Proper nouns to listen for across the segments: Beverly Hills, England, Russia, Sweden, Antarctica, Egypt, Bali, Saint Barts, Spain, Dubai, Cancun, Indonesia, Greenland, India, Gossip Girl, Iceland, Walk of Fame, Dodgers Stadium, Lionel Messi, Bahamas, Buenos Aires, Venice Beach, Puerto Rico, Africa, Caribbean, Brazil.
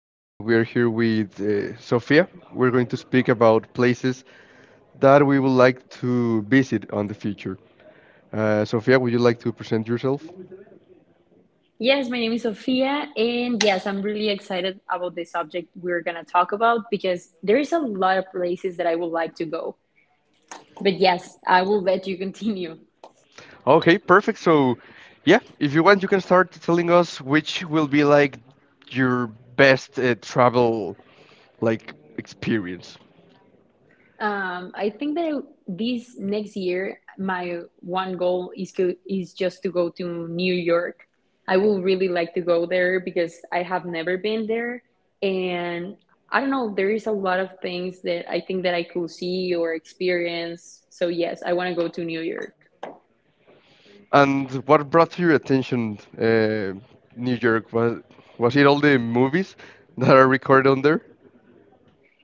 and we are here with Sofia. We're going to speak about places that we would like to visit on the future. Sofia, would you like to present yourself? Yes, my name is Sofia, and yes, I'm really excited about the subject we're gonna talk about because there is a lot of places that I would like to go. But yes, I will let you continue. Okay, perfect. So, yeah, if you want, you can start telling us which will be like your best travel like experience, I think that this next year, my one goal is go is just to go to New York. I will really like to go there because I have never been there, and I don't know, there is a lot of things that I think that I could see or experience. So yes, I want to go to New York. and what brought your attention New York, was it all the movies that are recorded on there?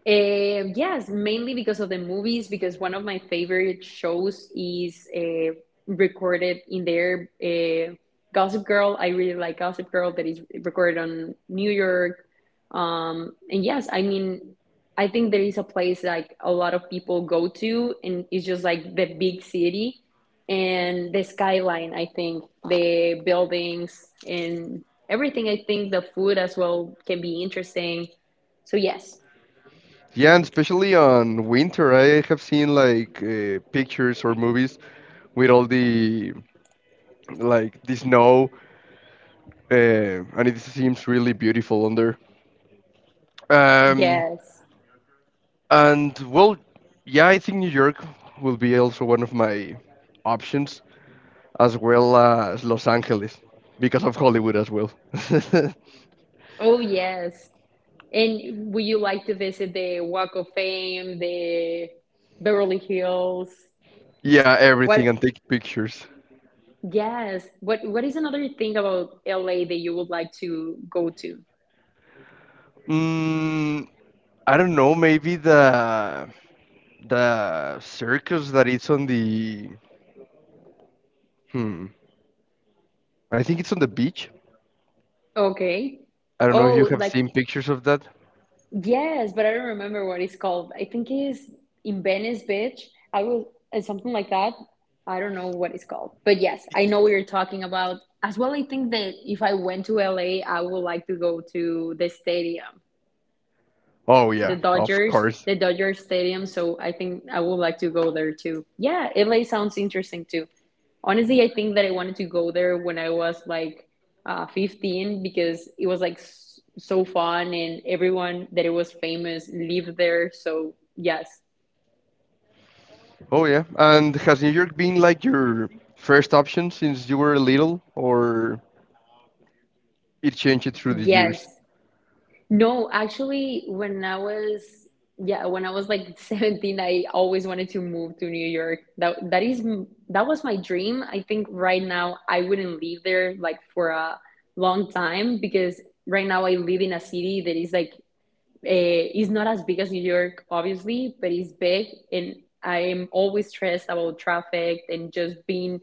Eh, yes, mainly because of the movies, because one of my favorite shows is recorded in there. Gossip Girl, I really like Gossip Girl that is recorded on New York. And yes, I mean, I think there is a place like a lot of people go to, and it's just like the big city and the skyline, I think, the buildings and everything. I think the food as well can be interesting. So, yes. Yeah, and especially on winter, I have seen like pictures or movies with all the like the snow, and it seems really beautiful under. Um, Yes. and well, yeah, I think New York will be also one of my options, as well as Los Angeles, because of Hollywood as well. Oh, yes. And would you like to visit the Walk of Fame, the Beverly Hills? Yeah, What? everything and take pictures. Yes. What is another thing about LA that you would like to go to? Mm, I don't know, maybe The circus that it's hmm, I think it's on the beach. Okay. I don't know if you Oh, have like seen pictures of that. yes, but I don't remember what it's called. I think it's in Venice Beach. I will something like that. I don't know what it's called. But yes, I know what you're talking about. As well, I think that if I went to LA, I would like to go to the stadium. Oh The yeah, of Dodgers, course. the Dodgers Stadium. So I think I would like to go there too. Yeah, LA sounds interesting too. Honestly, I think that I wanted to go there when I was like 15, because it was like so fun and everyone that it was famous lived there. So yes, Oh yeah. And has New York been like your first option since you were little, or it changed through the yes. years? No, actually, when I was yeah, when I was like 17, I always wanted to move to New York. That was my dream. I think right now I wouldn't live there like for a long time because right now I live in a city that is like eh, it's not as big as New York, obviously, but it's big, and I am always stressed about traffic and just being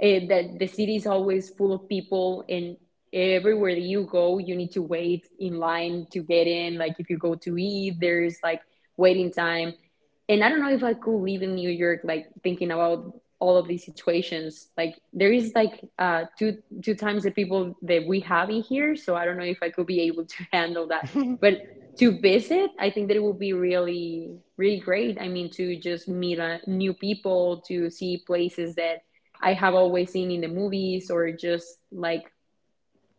that the city is always full of people, and everywhere that you go, you need to wait in line to get in. Like if you go to eat, there's like waiting time, and I don't know if I could live in New York, like thinking about all of these situations. Like there is like two times the people that we have in here, so I don't know if I could be able to handle that. But to visit, I think that it would be really great. I mean, to just meet new people, to see places that I have always seen in the movies, or just like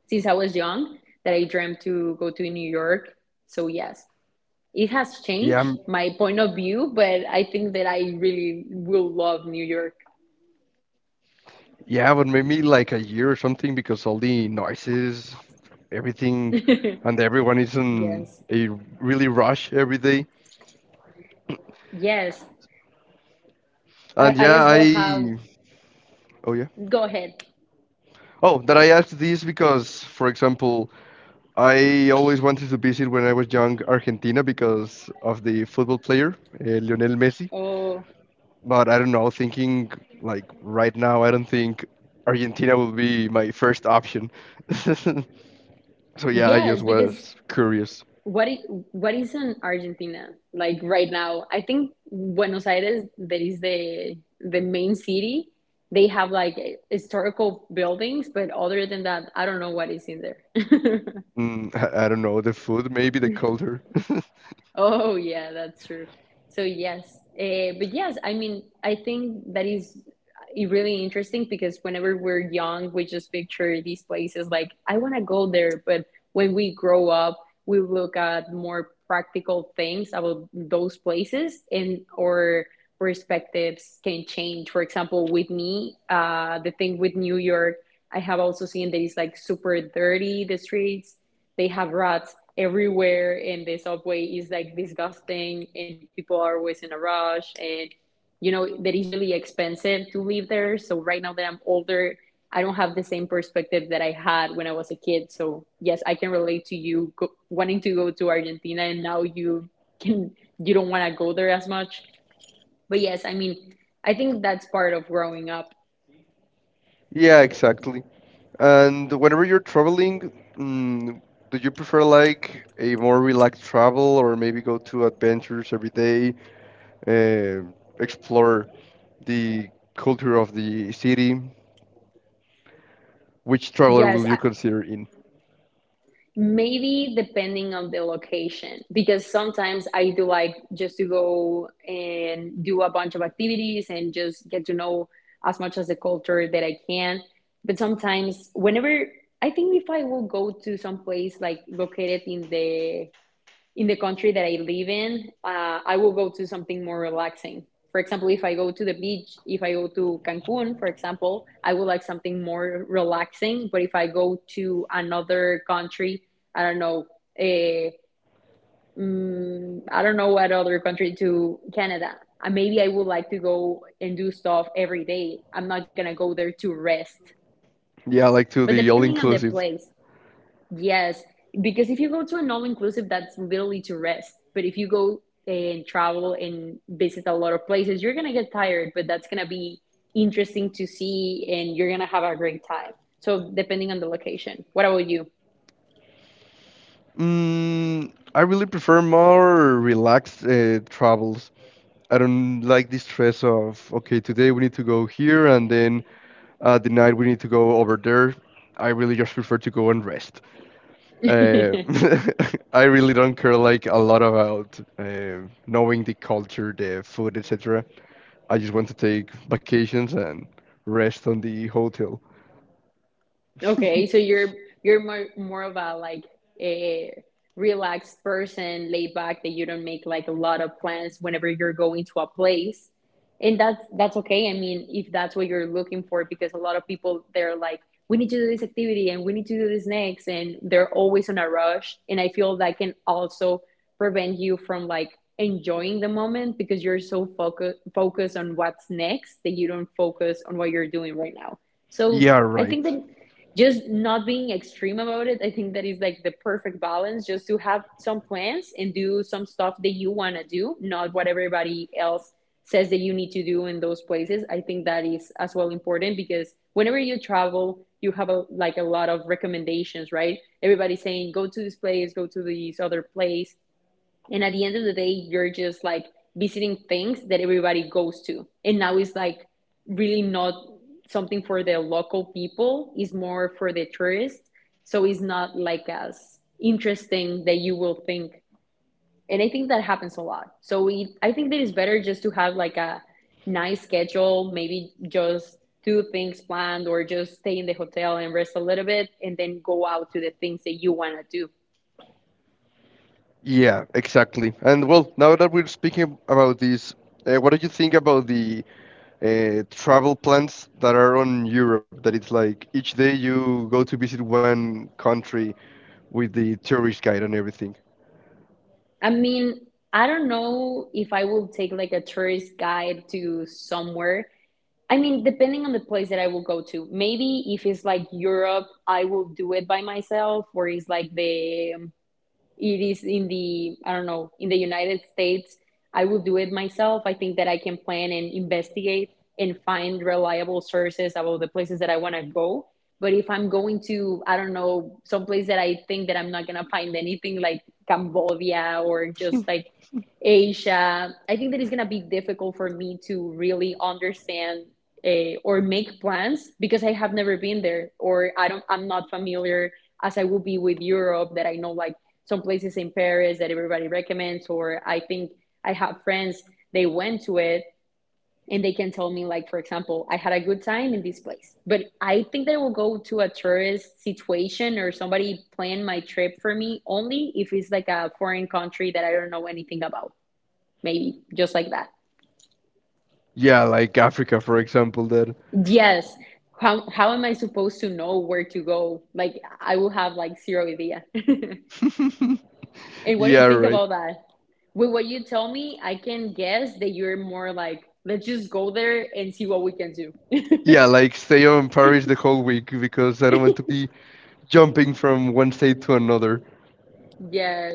since I was young that I dreamt to go to New York. So yes, it has Yeah, changed my point of view, but I think that I really will love New York. yeah, but maybe like a year or something because all the noises, everything, and everyone is Yes. in a really rush every day. Yes. I And as yeah, well have. Oh yeah. Go ahead. Oh, that I asked this because, for example, I always wanted to visit when I was young Argentina because of the football player Lionel Messi. Oh, But I don't know, thinking like right now, I don't think Argentina will be my first option. So yeah, I yes, just because was curious. what is in Argentina like right now? I think Buenos Aires, that is the main city. They have like historical buildings, but other than that, I don't know what is in there. Mm, I don't know, the food, maybe the culture. Oh, yeah, that's true. So yes, but yes, I mean, I think that is really interesting because whenever we're young, we just picture these places like I want to go there, but when we grow up, we look at more practical things about those places, and our perspectives can change. For example, with me, the thing with New York, I have also seen that it's like super dirty, the streets, they have rats everywhere, and the subway is like disgusting, and people are always in a rush, and you know that is really expensive to live there. So right now that I'm older, I don't have the same perspective that I had when I was a kid. So yes, I can relate to you wanting to go to Argentina and now you can, you don't want to go there as much. But yes, I mean, I think that's part of growing up. Yeah, exactly. And whenever you're traveling, do you prefer like a more relaxed travel or maybe go to adventures every day, uh, explore the culture of the city? Which traveler Yes, will you consider in? maybe depending on the location, because sometimes I do like just to go and do a bunch of activities and just get to know as much as the culture that I can. But sometimes, whenever I think if I will go to some place like located in the country that I live in, I will go to something more relaxing. For example, if I go to the beach, if I go to Cancun, for example, I would like something more relaxing. But if I go to another country, I don't know, eh, mm, I don't know what other country to Canada. Maybe I would like to go and do stuff every day. I'm not gonna go there to rest. Yeah, like But to the depending on the all-inclusive. place, yes, because if you go to an all-inclusive, that's literally to rest. But if you go and travel and visit a lot of places, you're gonna get tired, but that's gonna be interesting to see and you're gonna have a great time. So depending on the location. What about you? I really prefer more relaxed travels. I don't like the stress of, okay, today we need to go here and then the night we need to go over there. I really just prefer to go and rest. Uh, I really don't care like a lot about knowing the culture, the food, etc. I just want to take vacations and rest on the hotel. Okay, so you're more of a like a relaxed person, laid back, that you don't make like a lot of plans whenever you're going to a place. And that's okay. I mean, if that's what you're looking for, because a lot of people they're like, we need to do this activity and we need to do this next, and they're always on a rush. And I feel that can also prevent you from like enjoying the moment because you're so focused on what's next that you don't focus on what you're doing right now. So Yeah, I right. think that just not being extreme about it. I think that is like the perfect balance, just to have some plans and do some stuff that you want to do, not what everybody else says that you need to do in those places. I think that is as well important because whenever you travel, you have a like a lot of recommendations, right? Everybody's saying go to this place, go to this other place, and at the end of the day, you're just like visiting things that everybody goes to. And now it's like really not something for the local people, it's more for the tourists. So it's not like as interesting that you will think. And I think that happens a lot. So I think that it's better just to have like a nice schedule, maybe just do things planned or just stay in the hotel and rest a little bit and then go out to the things that you want to do. Yeah, exactly. And well, now that we're speaking about this, what do you think about the travel plans that are on Europe? That it's like each day you go to visit one country with the tourist guide and everything. I mean, I don't know if I will take like a tourist guide to somewhere. I mean, depending on the place that I will go to. Maybe if it's like Europe, I will do it by myself, or it's like the it is in the, I don't know, in the United States, I will do it myself. I think that I can plan and investigate and find reliable sources about the places that I want to go. But if I'm going to, I don't know, some place that I think that I'm not going to find anything like Cambodia or just like Asia, I think that it's going to be difficult for me to really understand, or make plans because I have never been there, or I'm not familiar as I will be with Europe, that I know like some places in Paris that everybody recommends, or I think I have friends they went to it and they can tell me, like for example, I had a good time in this place. But I think that I will go to a tourist situation or somebody plan my trip for me only if it's like a foreign country that I don't know anything about. Maybe just like that. Yeah, like Africa, for example, that. Yes. How am I supposed to know where to go? Like, I will have like zero idea. And what do you Yeah, think right. about that? With what you tell me, I can guess that you're more like, let's just go there and see what we can do. Yeah, like stay on Paris the whole week because I don't want to be jumping from one state to another. Yes.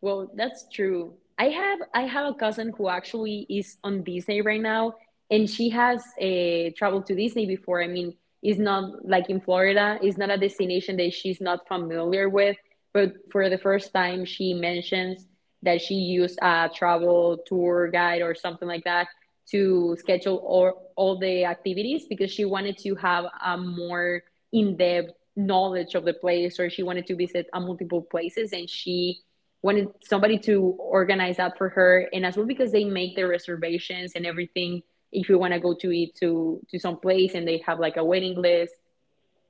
Well, that's true. I have a cousin who actually is on Disney right now, and she has traveled to Disney before. I mean, it's not like in Florida, it's not a destination that she's not familiar with, but for the first time, she mentions that she used a travel tour guide or something like that to schedule all the activities because she wanted to have a more in-depth knowledge of the place, or she wanted to visit a multiple places, and she wanted somebody to organize that for her, and as well because they make the reservations and everything if you want to go to eat to some place and they have like a waiting list.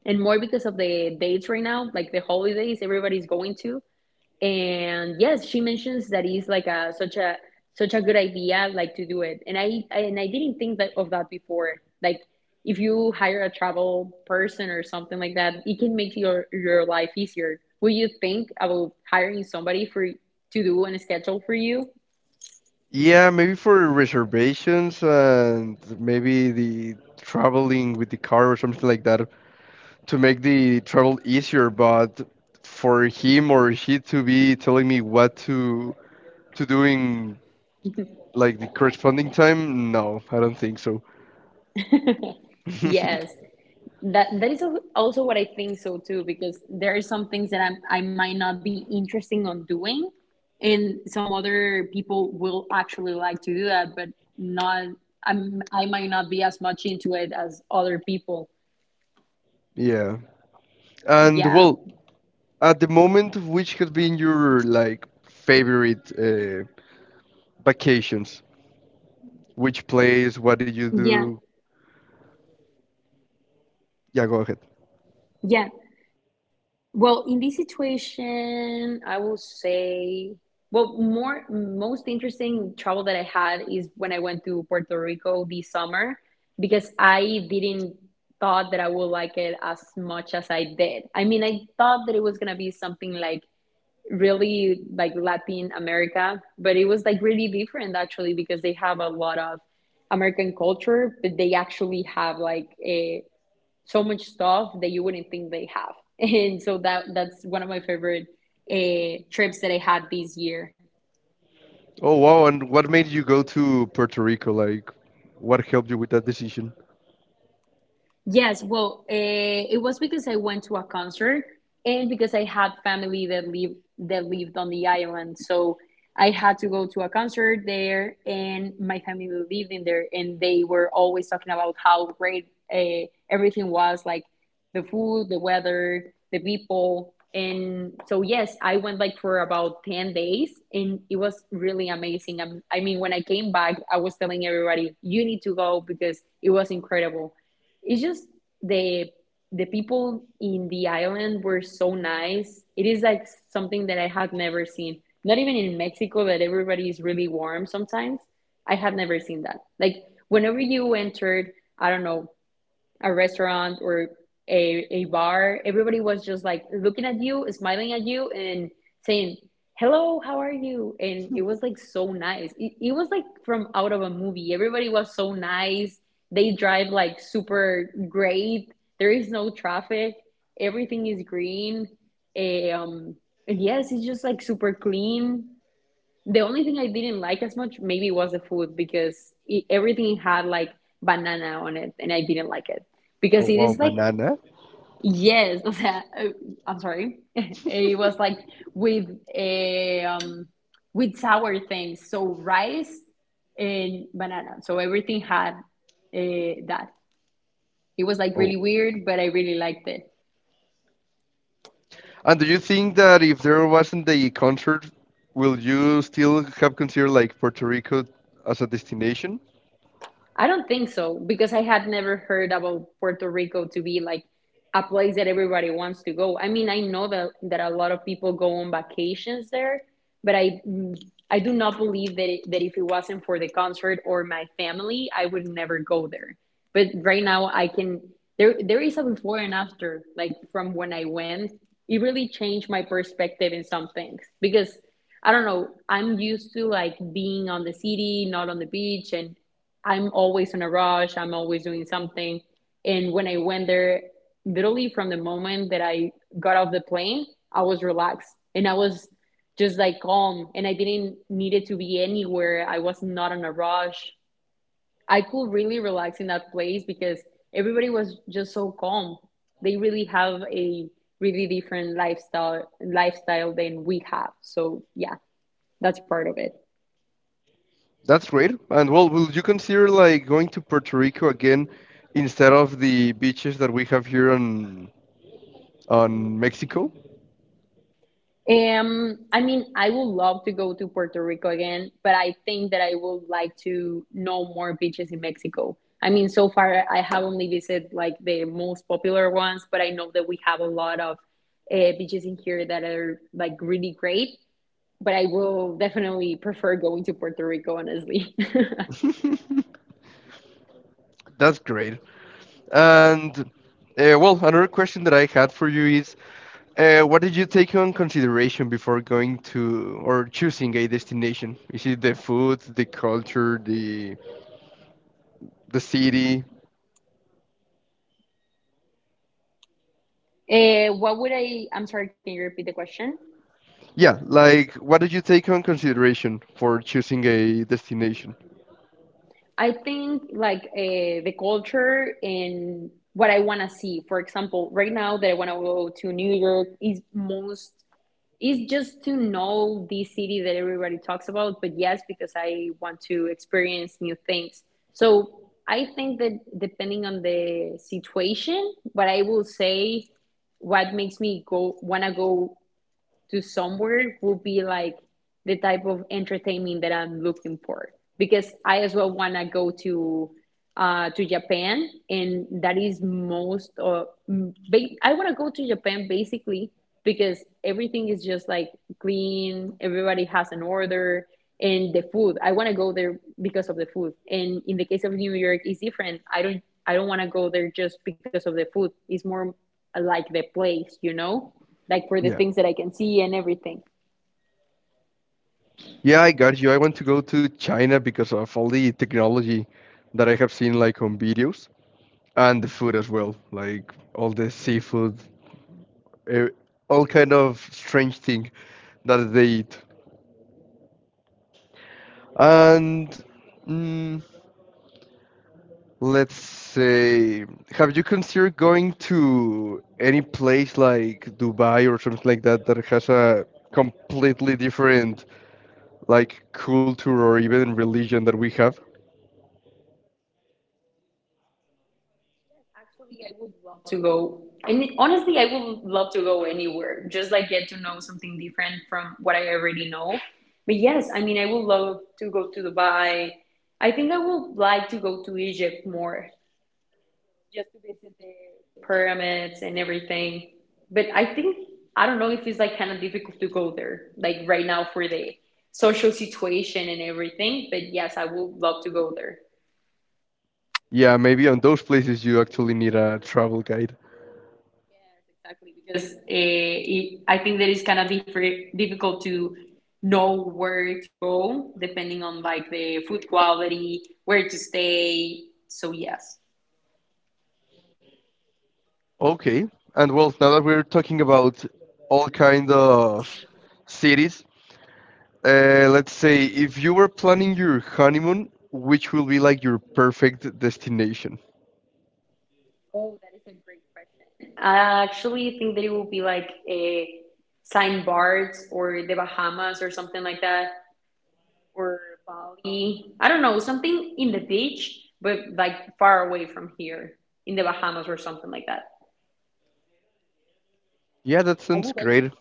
And more because of the dates right now like the holidays everybody's going to. And yes, she mentions that it's like a such a good idea like to do it. And I didn't think that of that before, like if you hire a travel person or something like that, it can make your life easier. Would you think about hiring somebody for to do and schedule for you? Yeah, maybe for reservations and maybe the traveling with the car or something like that to make the travel easier, but for him or she to be telling me what to do in like the corresponding time, no, I don't think so. yes. That is also what I think so too, because there are some things that I might not be interesting on doing, and some other people will actually like to do that, but not. I might not be as much into it as other people. Yeah. And well, Yeah. at the moment, which has been your like favorite vacations? Which place? What did you do? Yeah. Yeah, go ahead. Yeah. Well, in this situation, I will say, well, more most interesting travel that is when I went to Puerto Rico this summer because I didn't thought that I would like it as much as I did. I mean, I thought that it was gonna be something like really like Latin America, but it was like really different actually because they have a lot of American culture, but they actually have like a so much stuff that you wouldn't think they have. And so that's one of my favorite trips that I had this year. Oh wow! And what made you go to Puerto Rico? Like, what helped you with that decision? Yes, well, it was because I went to a concert and because I had family that lived on the island, so I had to go to a concert there, and my family lived in there, and they were always talking about how great everything was, like the food, the weather, the people. And so yes, I went like for about 10 days, and it was really amazing. I mean, when I came back, I was telling everybody, you need to go because it was incredible. It's just the the people in the island were so nice. It is like something that I had never seen. Not even in Mexico that everybody is really warm sometimes. I had never seen that. Like whenever you entered, I don't know, a restaurant or a bar, everybody was just like looking at you, smiling at you, and saying, "Hello, how are you?" And it was like so nice. It was like from out of a movie. Everybody was so nice. They drive like super great. There is no traffic. Everything is green. Um, and yes, it's just like super clean. The only thing I didn't like as much maybe was the food because it, everything had like banana on it, and I didn't like it Oh because it wow, is like, banana. yes, o sea, I'm sorry, it was like with a with sour things, so rice and banana, so everything had that. It was like really Oh, weird, but I really liked it. and do you think that if there wasn't the concert, will you still have considered like Puerto Rico as a destination? I don't think so, because I had never heard about Puerto Rico to be like a place that everybody wants to go. I mean, I know that a lot of people go on vacations there, but I do not believe that it, that if it wasn't for the concert or my family, I would never go there. But right now, I can, there is a before and after like from when I went. It really changed my perspective in some things because I don't know. I'm used to like being on the city, not on the beach, and I'm always in a rush. I'm always doing something. And when I went there, literally from the moment that I got off the plane, I was relaxed and I was just like calm, and I didn't need it to be anywhere. I was not in a rush. I could really relax in that place because everybody was just so calm. They really have a really different lifestyle than we have. So yeah, that's part of it. That's great. And well, will you consider like going to Puerto Rico again instead of the beaches that we have here on Mexico? I mean, I would love to go to Puerto Rico again, but I think that I would like to know more beaches in Mexico. I mean, so far I have only visited like the most popular ones, but I know that we have a lot of beaches in here that are like really great. But I will definitely prefer going to Puerto Rico, honestly. That's great. And well, another question that I had for you is, what did you take on consideration before going to or choosing a destination? Is it the food, the culture, the city? What would I? I'm sorry, can you repeat the question? Yeah, like what did you take on consideration for choosing a destination? I think like the culture and what I want to see. For example, right now that I want to go to New York is most is just to know the city that everybody talks about. But yes, because I want to experience new things. So I think that depending on the situation, what I will say, what makes me go want to go to somewhere will be like the type of entertainment that I'm looking for, because I as well want to go to Japan, and that is most I want to go to Japan basically because everything is just like clean, everybody has an order, and the food. I want to go there because of the food. And in the case of New York, it's different. I don't want to go there just because of the food. It's more like the place, you know, like for the Yeah. things that I can see and everything. Yeah, I got you. I want to go to China because of all the technology that I have seen like on videos and the food as well, like all the seafood uh, all kind of strange thing that they eat. And mm, let's say, have you considered going to any place like Dubai or something like that that has a completely different like culture or even religion that we have? Actually, I would love to go. And honestly, I would love to go anywhere, just like get to know something different from what I already know. But yes, I mean, I would love to go to Dubai. I think I would like to go to Egypt more, just to visit the pyramids and everything. But I think I don't know if it's like kind of difficult to go there, like right now for the social situation and everything. But yes, I would love to go there. Yeah, maybe on those places you actually need a travel guide. Exactly, because I think that it's kind of difficult to know where to go depending on like the food quality, where to stay. So yes. Okay, and well, now that we're talking about all kind of cities. Let's say if you were planning your honeymoon, which will be like your perfect destination? Oh, that is a great question. I actually think that it will be like a Saint Barts or the Bahamas or something like that, or Bali. I don't know, something in the beach, but like far away from here, in the Bahamas or something like that. Yeah, that sounds great.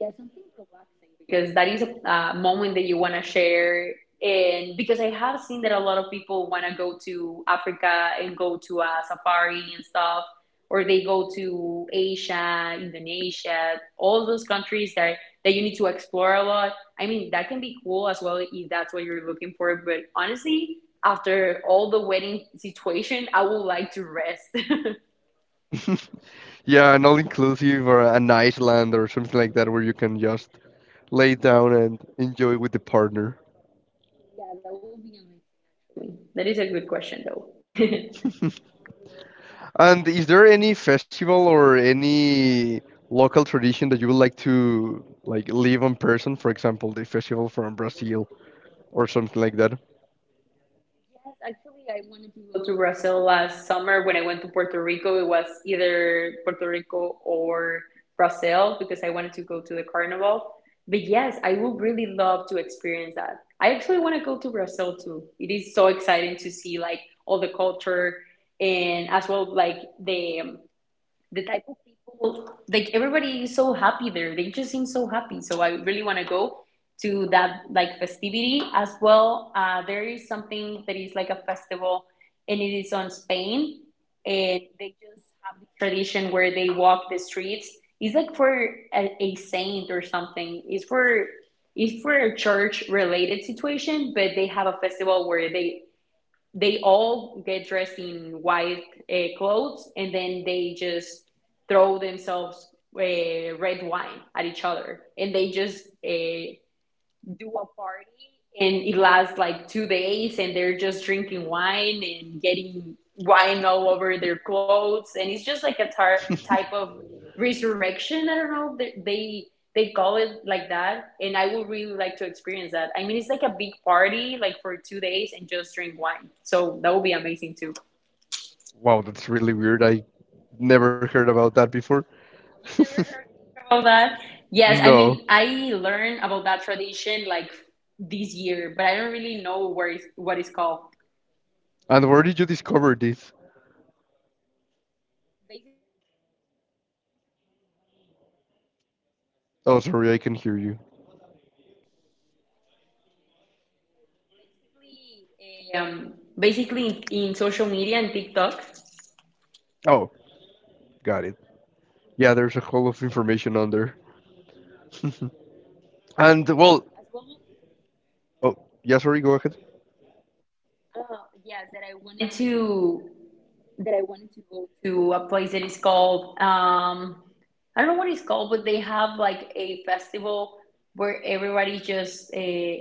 Yeah, something relaxing because that is a moment that you want to share. And because I have seen that a lot of people want to go to Africa and go to a safari and stuff, or they go to Asia, Indonesia, all those countries that you need to explore a lot. I mean, that can be cool as well if that's what you're looking for. But honestly, after all the wedding situation, I would like to rest. Yeah, an all-inclusive or an Iceland or something like that where you can just lay down and enjoy with the partner. Yeah, that would be amazing, actually. That is a good question, though. And is there any festival or any local tradition that you would like to like live in person? For example, the festival from Brazil or something like that. Yes, actually, I wanted to go to Brazil last summer when I went to Puerto Rico. It was either Puerto Rico or Brazil because I wanted to go to the carnival. But yes, I would really love to experience that. I actually want to go to Brazil too. It is so exciting to see like all the culture, and as well like the type of people. Like everybody is so happy there, they just seem so happy, so I really want to go to that like festivity as well. There is something that is like a festival, and it is on Spain, and they just have the tradition where they walk the streets. It's like for a saint or something. It's for a church related situation, but they have a festival where they all get dressed in white clothes, and then they just throw themselves red wine at each other, and they just do up. And it lasts like 2 days, and they're just drinking wine and getting wine all over their clothes. And it's just like a type of resurrection. I don't know, they call it like that. And I would really like to experience that. I mean, it's like a big party like for 2 days, and just drink wine. So that would be amazing too. Wow, that's really weird. I never heard about that before. You never heard about that? Yes, I No. mean, I learned about that tradition like this year, but I don't really know where it's, what it's called. And where did you discover this? Oh, sorry, I can hear you. basically eh, um Basically in, social media and TikTok. Oh, got it. Yeah, there's a whole of information on there. And well, oh, yeah, sorry, go ahead. Oh yes, that I wanted to a place that is called I don't know what it's called, but they have like a festival where everybody just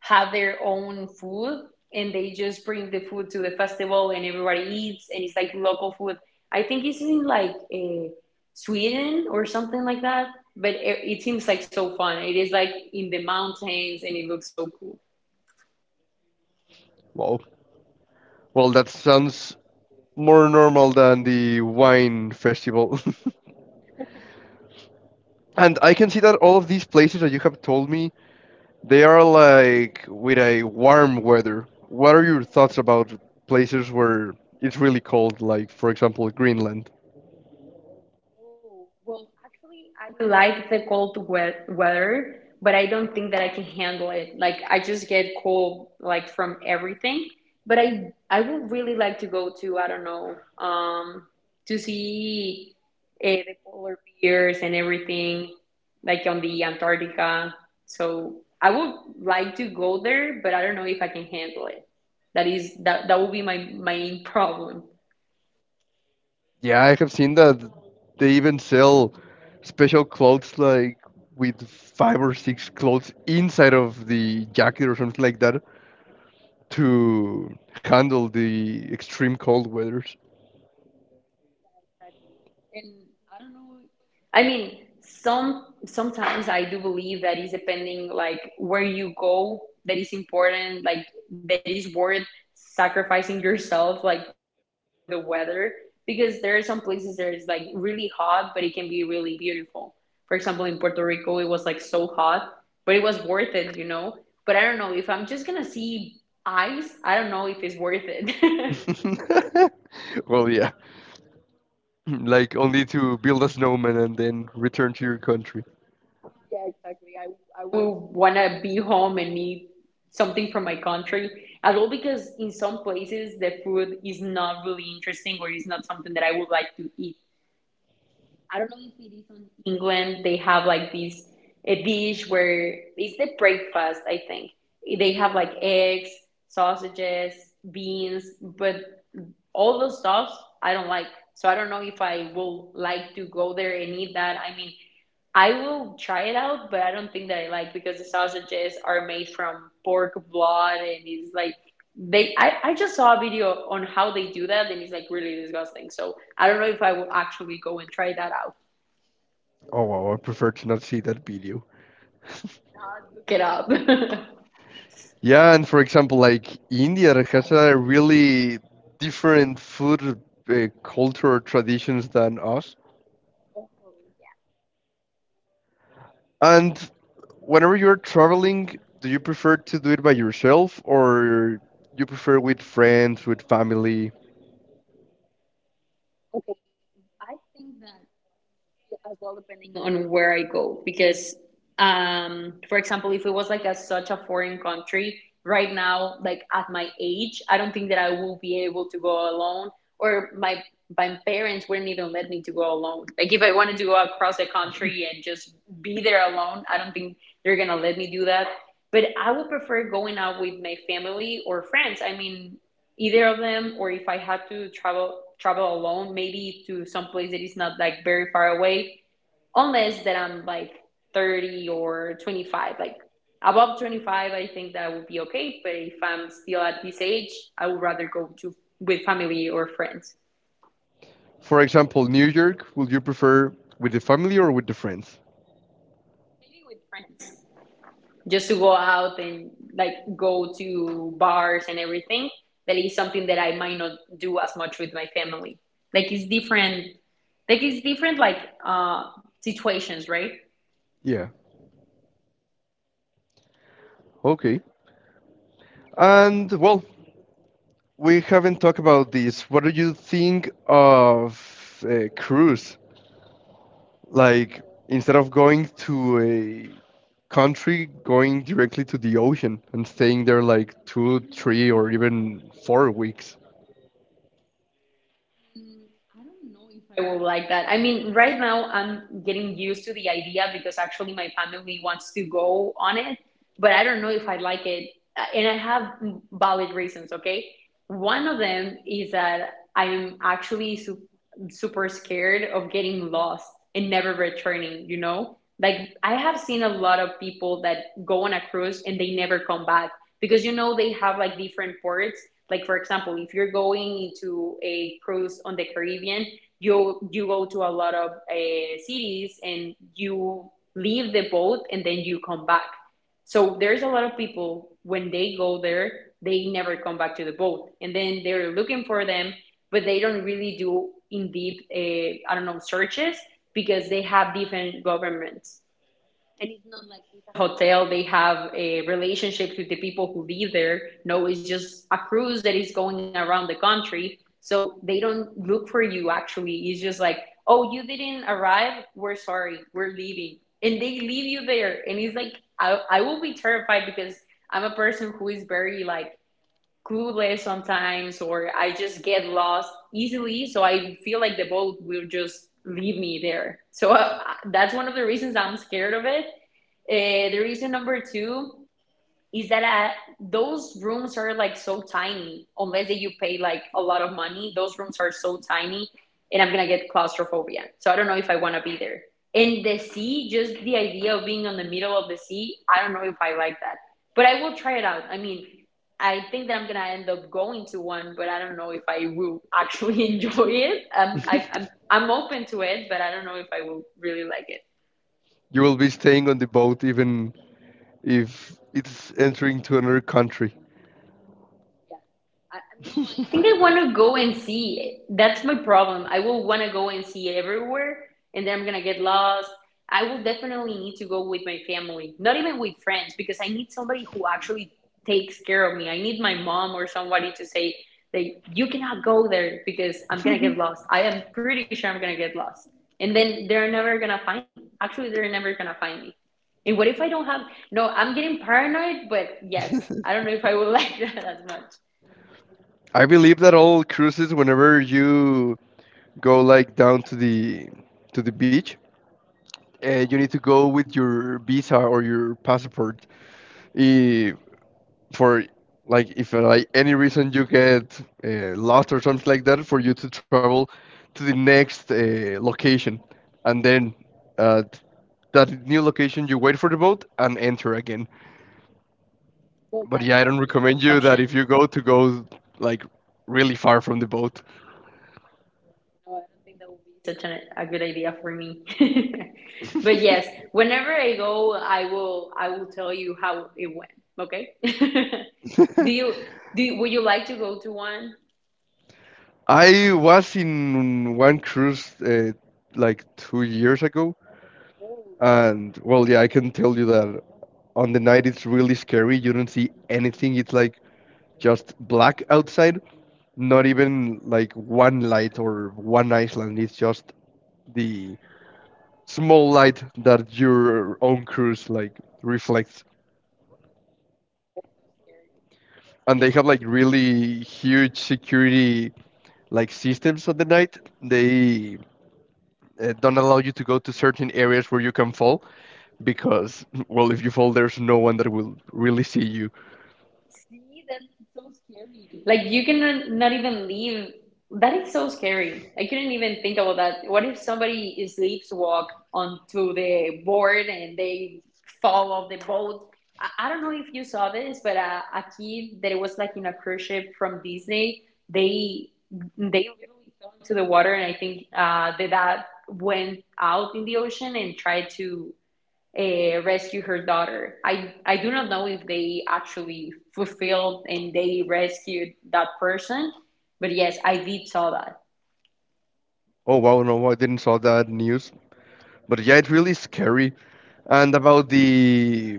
have their own food and they just bring the food to the festival and everybody eats and it's like local food. I think it's in like Sweden or something like that, but it seems like so fun. It is like in the mountains and it looks so cool. Wow. Well, that sounds more normal than the wine festival. And I can see that all of these places that you have told me, they are like with a warm weather. What are your thoughts about places where it's really cold, like for example, Greenland? Oh, well, actually, I like the cold weather, but I don't think that I can handle it. Like, I just get cold, like, from everything. But I would really like to go to, I don't know, um, to see the polar bears and everything, like on the Antarctica. So I would like to go there, but I don't know if I can handle it. That would be my main problem. Yeah, I have seen that they even sell special clothes like with five or six clothes inside of the jacket or something like that to handle the extreme cold weathers. And I don't know. I mean, sometimes I do believe that is depending like where you go that is important, like that is worth sacrificing yourself like for over the weather because there are some places that is like really hot but it can be really beautiful. For example, in Puerto Rico it was like so hot, but it was worth it. But I don't know if I'm just gonna see ice, I don't know if it's worth it. Well, yeah, like only to build a snowman and then return to your country. Yeah, exactly. I would want to be home and eat something from my country as well because in some places the food is not really interesting or is not something that I would like to eat. I don't know if it is on England. They have like this a dish where it's the breakfast, I think. They have like eggs, sausages, beans, but all those stuffs I don't like. So I don't know if I will like to go there and eat that. I mean, I will try it out, but I don't think that I like because the sausages are made from pork blood and it's like they I just saw a video on how they do that and it's like really disgusting. So I don't know if I will actually go and try that out. Oh, wow, I prefer to not see that video. Do Not look it up. Yeah, and for example, like India has a really different food culture traditions than us. And whenever you're traveling, do you prefer to do it by yourself or you prefer with friends, with family? As well depending on where I go because for example if it was like a such a foreign country right now like at my age I don't think that I will be able to go alone, or my parents wouldn't even let me to go alone, like if I wanted to go across the country and just be there alone I don't think they're gonna let me do that, but I would prefer going out with my family or friends. I mean, either of them, or if I had to travel alone, maybe to some place that is not like very far away, unless that I'm like 30 or 25. Like above 25, I think that would be okay. But if I'm still at this age, I would rather go to with family or friends. For example, New York, would you prefer with the family or with the friends? Maybe with friends. Just to go out and like go to bars and everything, that is something that I might not do as much with my family. Like it's different, like uh situations, right? Yeah, okay. And well, we haven't talked about this. What do you think of a cruise? Like instead of going to a country, going directly to the ocean and staying there like 2, 3, or even 4 weeks? I will like that. I mean, right now I'm getting used to the idea because actually my family wants to go on it, but I don't know if I like it. And I have valid reasons, okay? One of them is that I'm actually su super scared of getting lost and never returning, you know? Like, I have seen a lot of people that go on a cruise and they never come back because, you know, they have like different ports. Like, for example, if you're going into a cruise on the Caribbean, you go to a lot of cities and you leave the boat and then you come back. So there's a lot of people when they go there, they never come back to the boat, and then they're looking for them, but they don't really do in deep I don't know searches because they have different governments and it's not like it's a hotel. They have a relationship with the people who live there. No, it's just a cruise that is going around the country. So they don't look for you actually. It's just like, oh, you didn't arrive. We're sorry. We're leaving. And they leave you there. And it's like, I will be terrified because I'm a person who is very like clueless sometimes or I just get lost easily. So I feel like the boat will just leave me there. So that's one of the reasons I'm scared of it. The reason number two is that those rooms are like so tiny unless that you pay like a lot of money, those rooms are so tiny and I'm gonna get claustrophobia, so I don't know if I want to be there. And the sea, just the idea of being on the middle of the sea, I don't know if I like that, but I will try it out. I mean, I think that I'm gonna end up going to one but I don't know if I will actually enjoy it. I'm open to it but I don't know if I will really like it. You will be staying on the boat even if it's entering to another country. I, no, I think I want to go and see it. That's my problem. I will want to go and see everywhere, and then I'm gonna get lost. I will definitely need to go with my family, not even with friends, because I need somebody who actually takes care of me. I need my mom or somebody to say that you cannot go there because I'm gonna get lost. I am pretty sure I'm gonna get lost, and then they're never gonna find me. Actually, they're never gonna find me. And what if I don't have? No, I'm getting paranoid, but yes, I don't know if I will like that as much. I believe that all cruises, whenever you go like down to the beach, you need to go with your visa or your passport. If, for like if like any reason you get lost or something like that, for you to travel to the next location, and then at that new location you wait for the boat and enter again. Well, But yeah, I that don't could be an recommend you option. that if you go like really far from the boat. No, I don't think that would be such an, a good idea for me. But yes, whenever I go, I will tell you how it went. Okay? Do you do you, would you like to go to one? I was in one cruise like 2 years ago, and well, yeah, I can tell you that on the night it's really scary. You don't see anything. It's like just black outside, not even like one light or one island. It's just the small light that your own cruise like reflects. And they have like really huge security like systems of the night, they don't allow you to go to certain areas where you can fall, because well, if you fall there's no one that will really see you. See, that's so scary. Like you can not even leave. That is so scary. I couldn't even think about that. What if somebody is walk onto the board and they fall off the boat? I don't know if you saw this, but a kid that was like in a cruise ship from Disney, they they literally fell into the water, and I think the dad went out in the ocean and tried to rescue her daughter. I do not know if they actually fulfilled and they rescued that person, but yes, I did saw that. Oh wow, no, I didn't saw that news, but yeah, it's really scary. And about the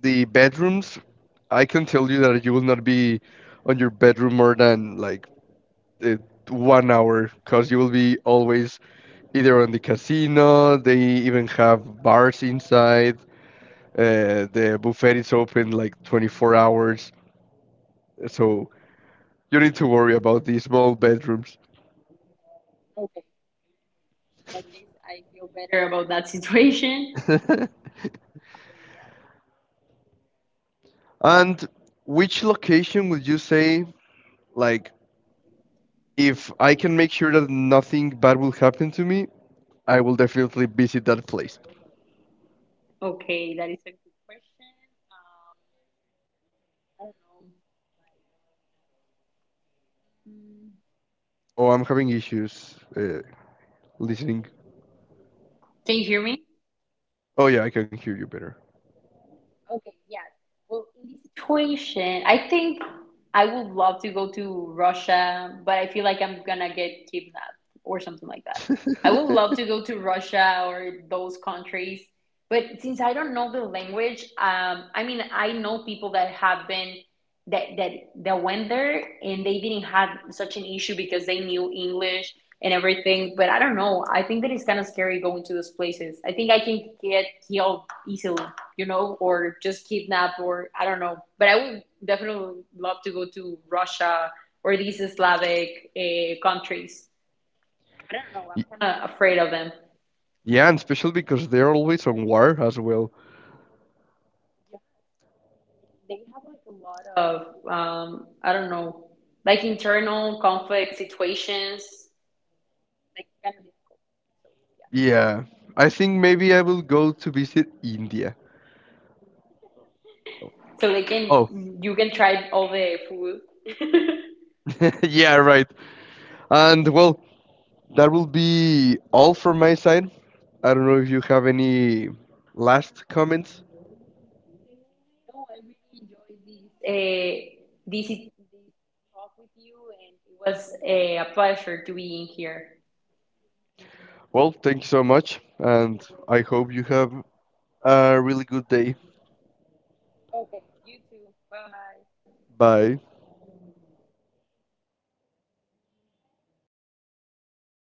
the bedrooms, I can tell you that you will not be on your bedroom more than like uh, 1 hour, because you will be always either on the casino, they even have bars inside. The buffet is open like 24 hours, so you need to worry about these small bedrooms. In that case, I feel better about that situation. And which location would you say, like, if I can make sure that nothing bad will happen to me, I will definitely visit that place. Okay, that is a good question. Um, I don't know. Like, mm, Oh, I'm having issues listening. can you hear me? Oh, yeah, I can hear you better. Okay, yes. Well, in this situation, I think I would love to go to Russia, but I feel like I'm gonna get kidnapped or something like that. I would love to go to Russia or those countries, but since I don't know the language, I mean, I know people that have been that that went there and they didn't have such an issue because they knew English and everything. But I don't know. I think that it's kind of scary going to those places. I think I can get killed easily, you know, or just kidnapped, or I don't know. But I would definitely love to go to Russia or these Slavic countries. But I don't know. Y- I'm kind of afraid of them. yeah, and especially because they're always on war as well. They have like a lot of, I don't know, like internal conflict situations. Yeah, I think maybe I will go to visit India. So they Oh, can, you can try all the food. No, yeah, right. And well, that will be all from my side. I don't know if you have any last comments. I really enjoyed this. This talk with you, and it was a pleasure to be in here. Well, thank you so much, and I hope you have a really good day. Bye.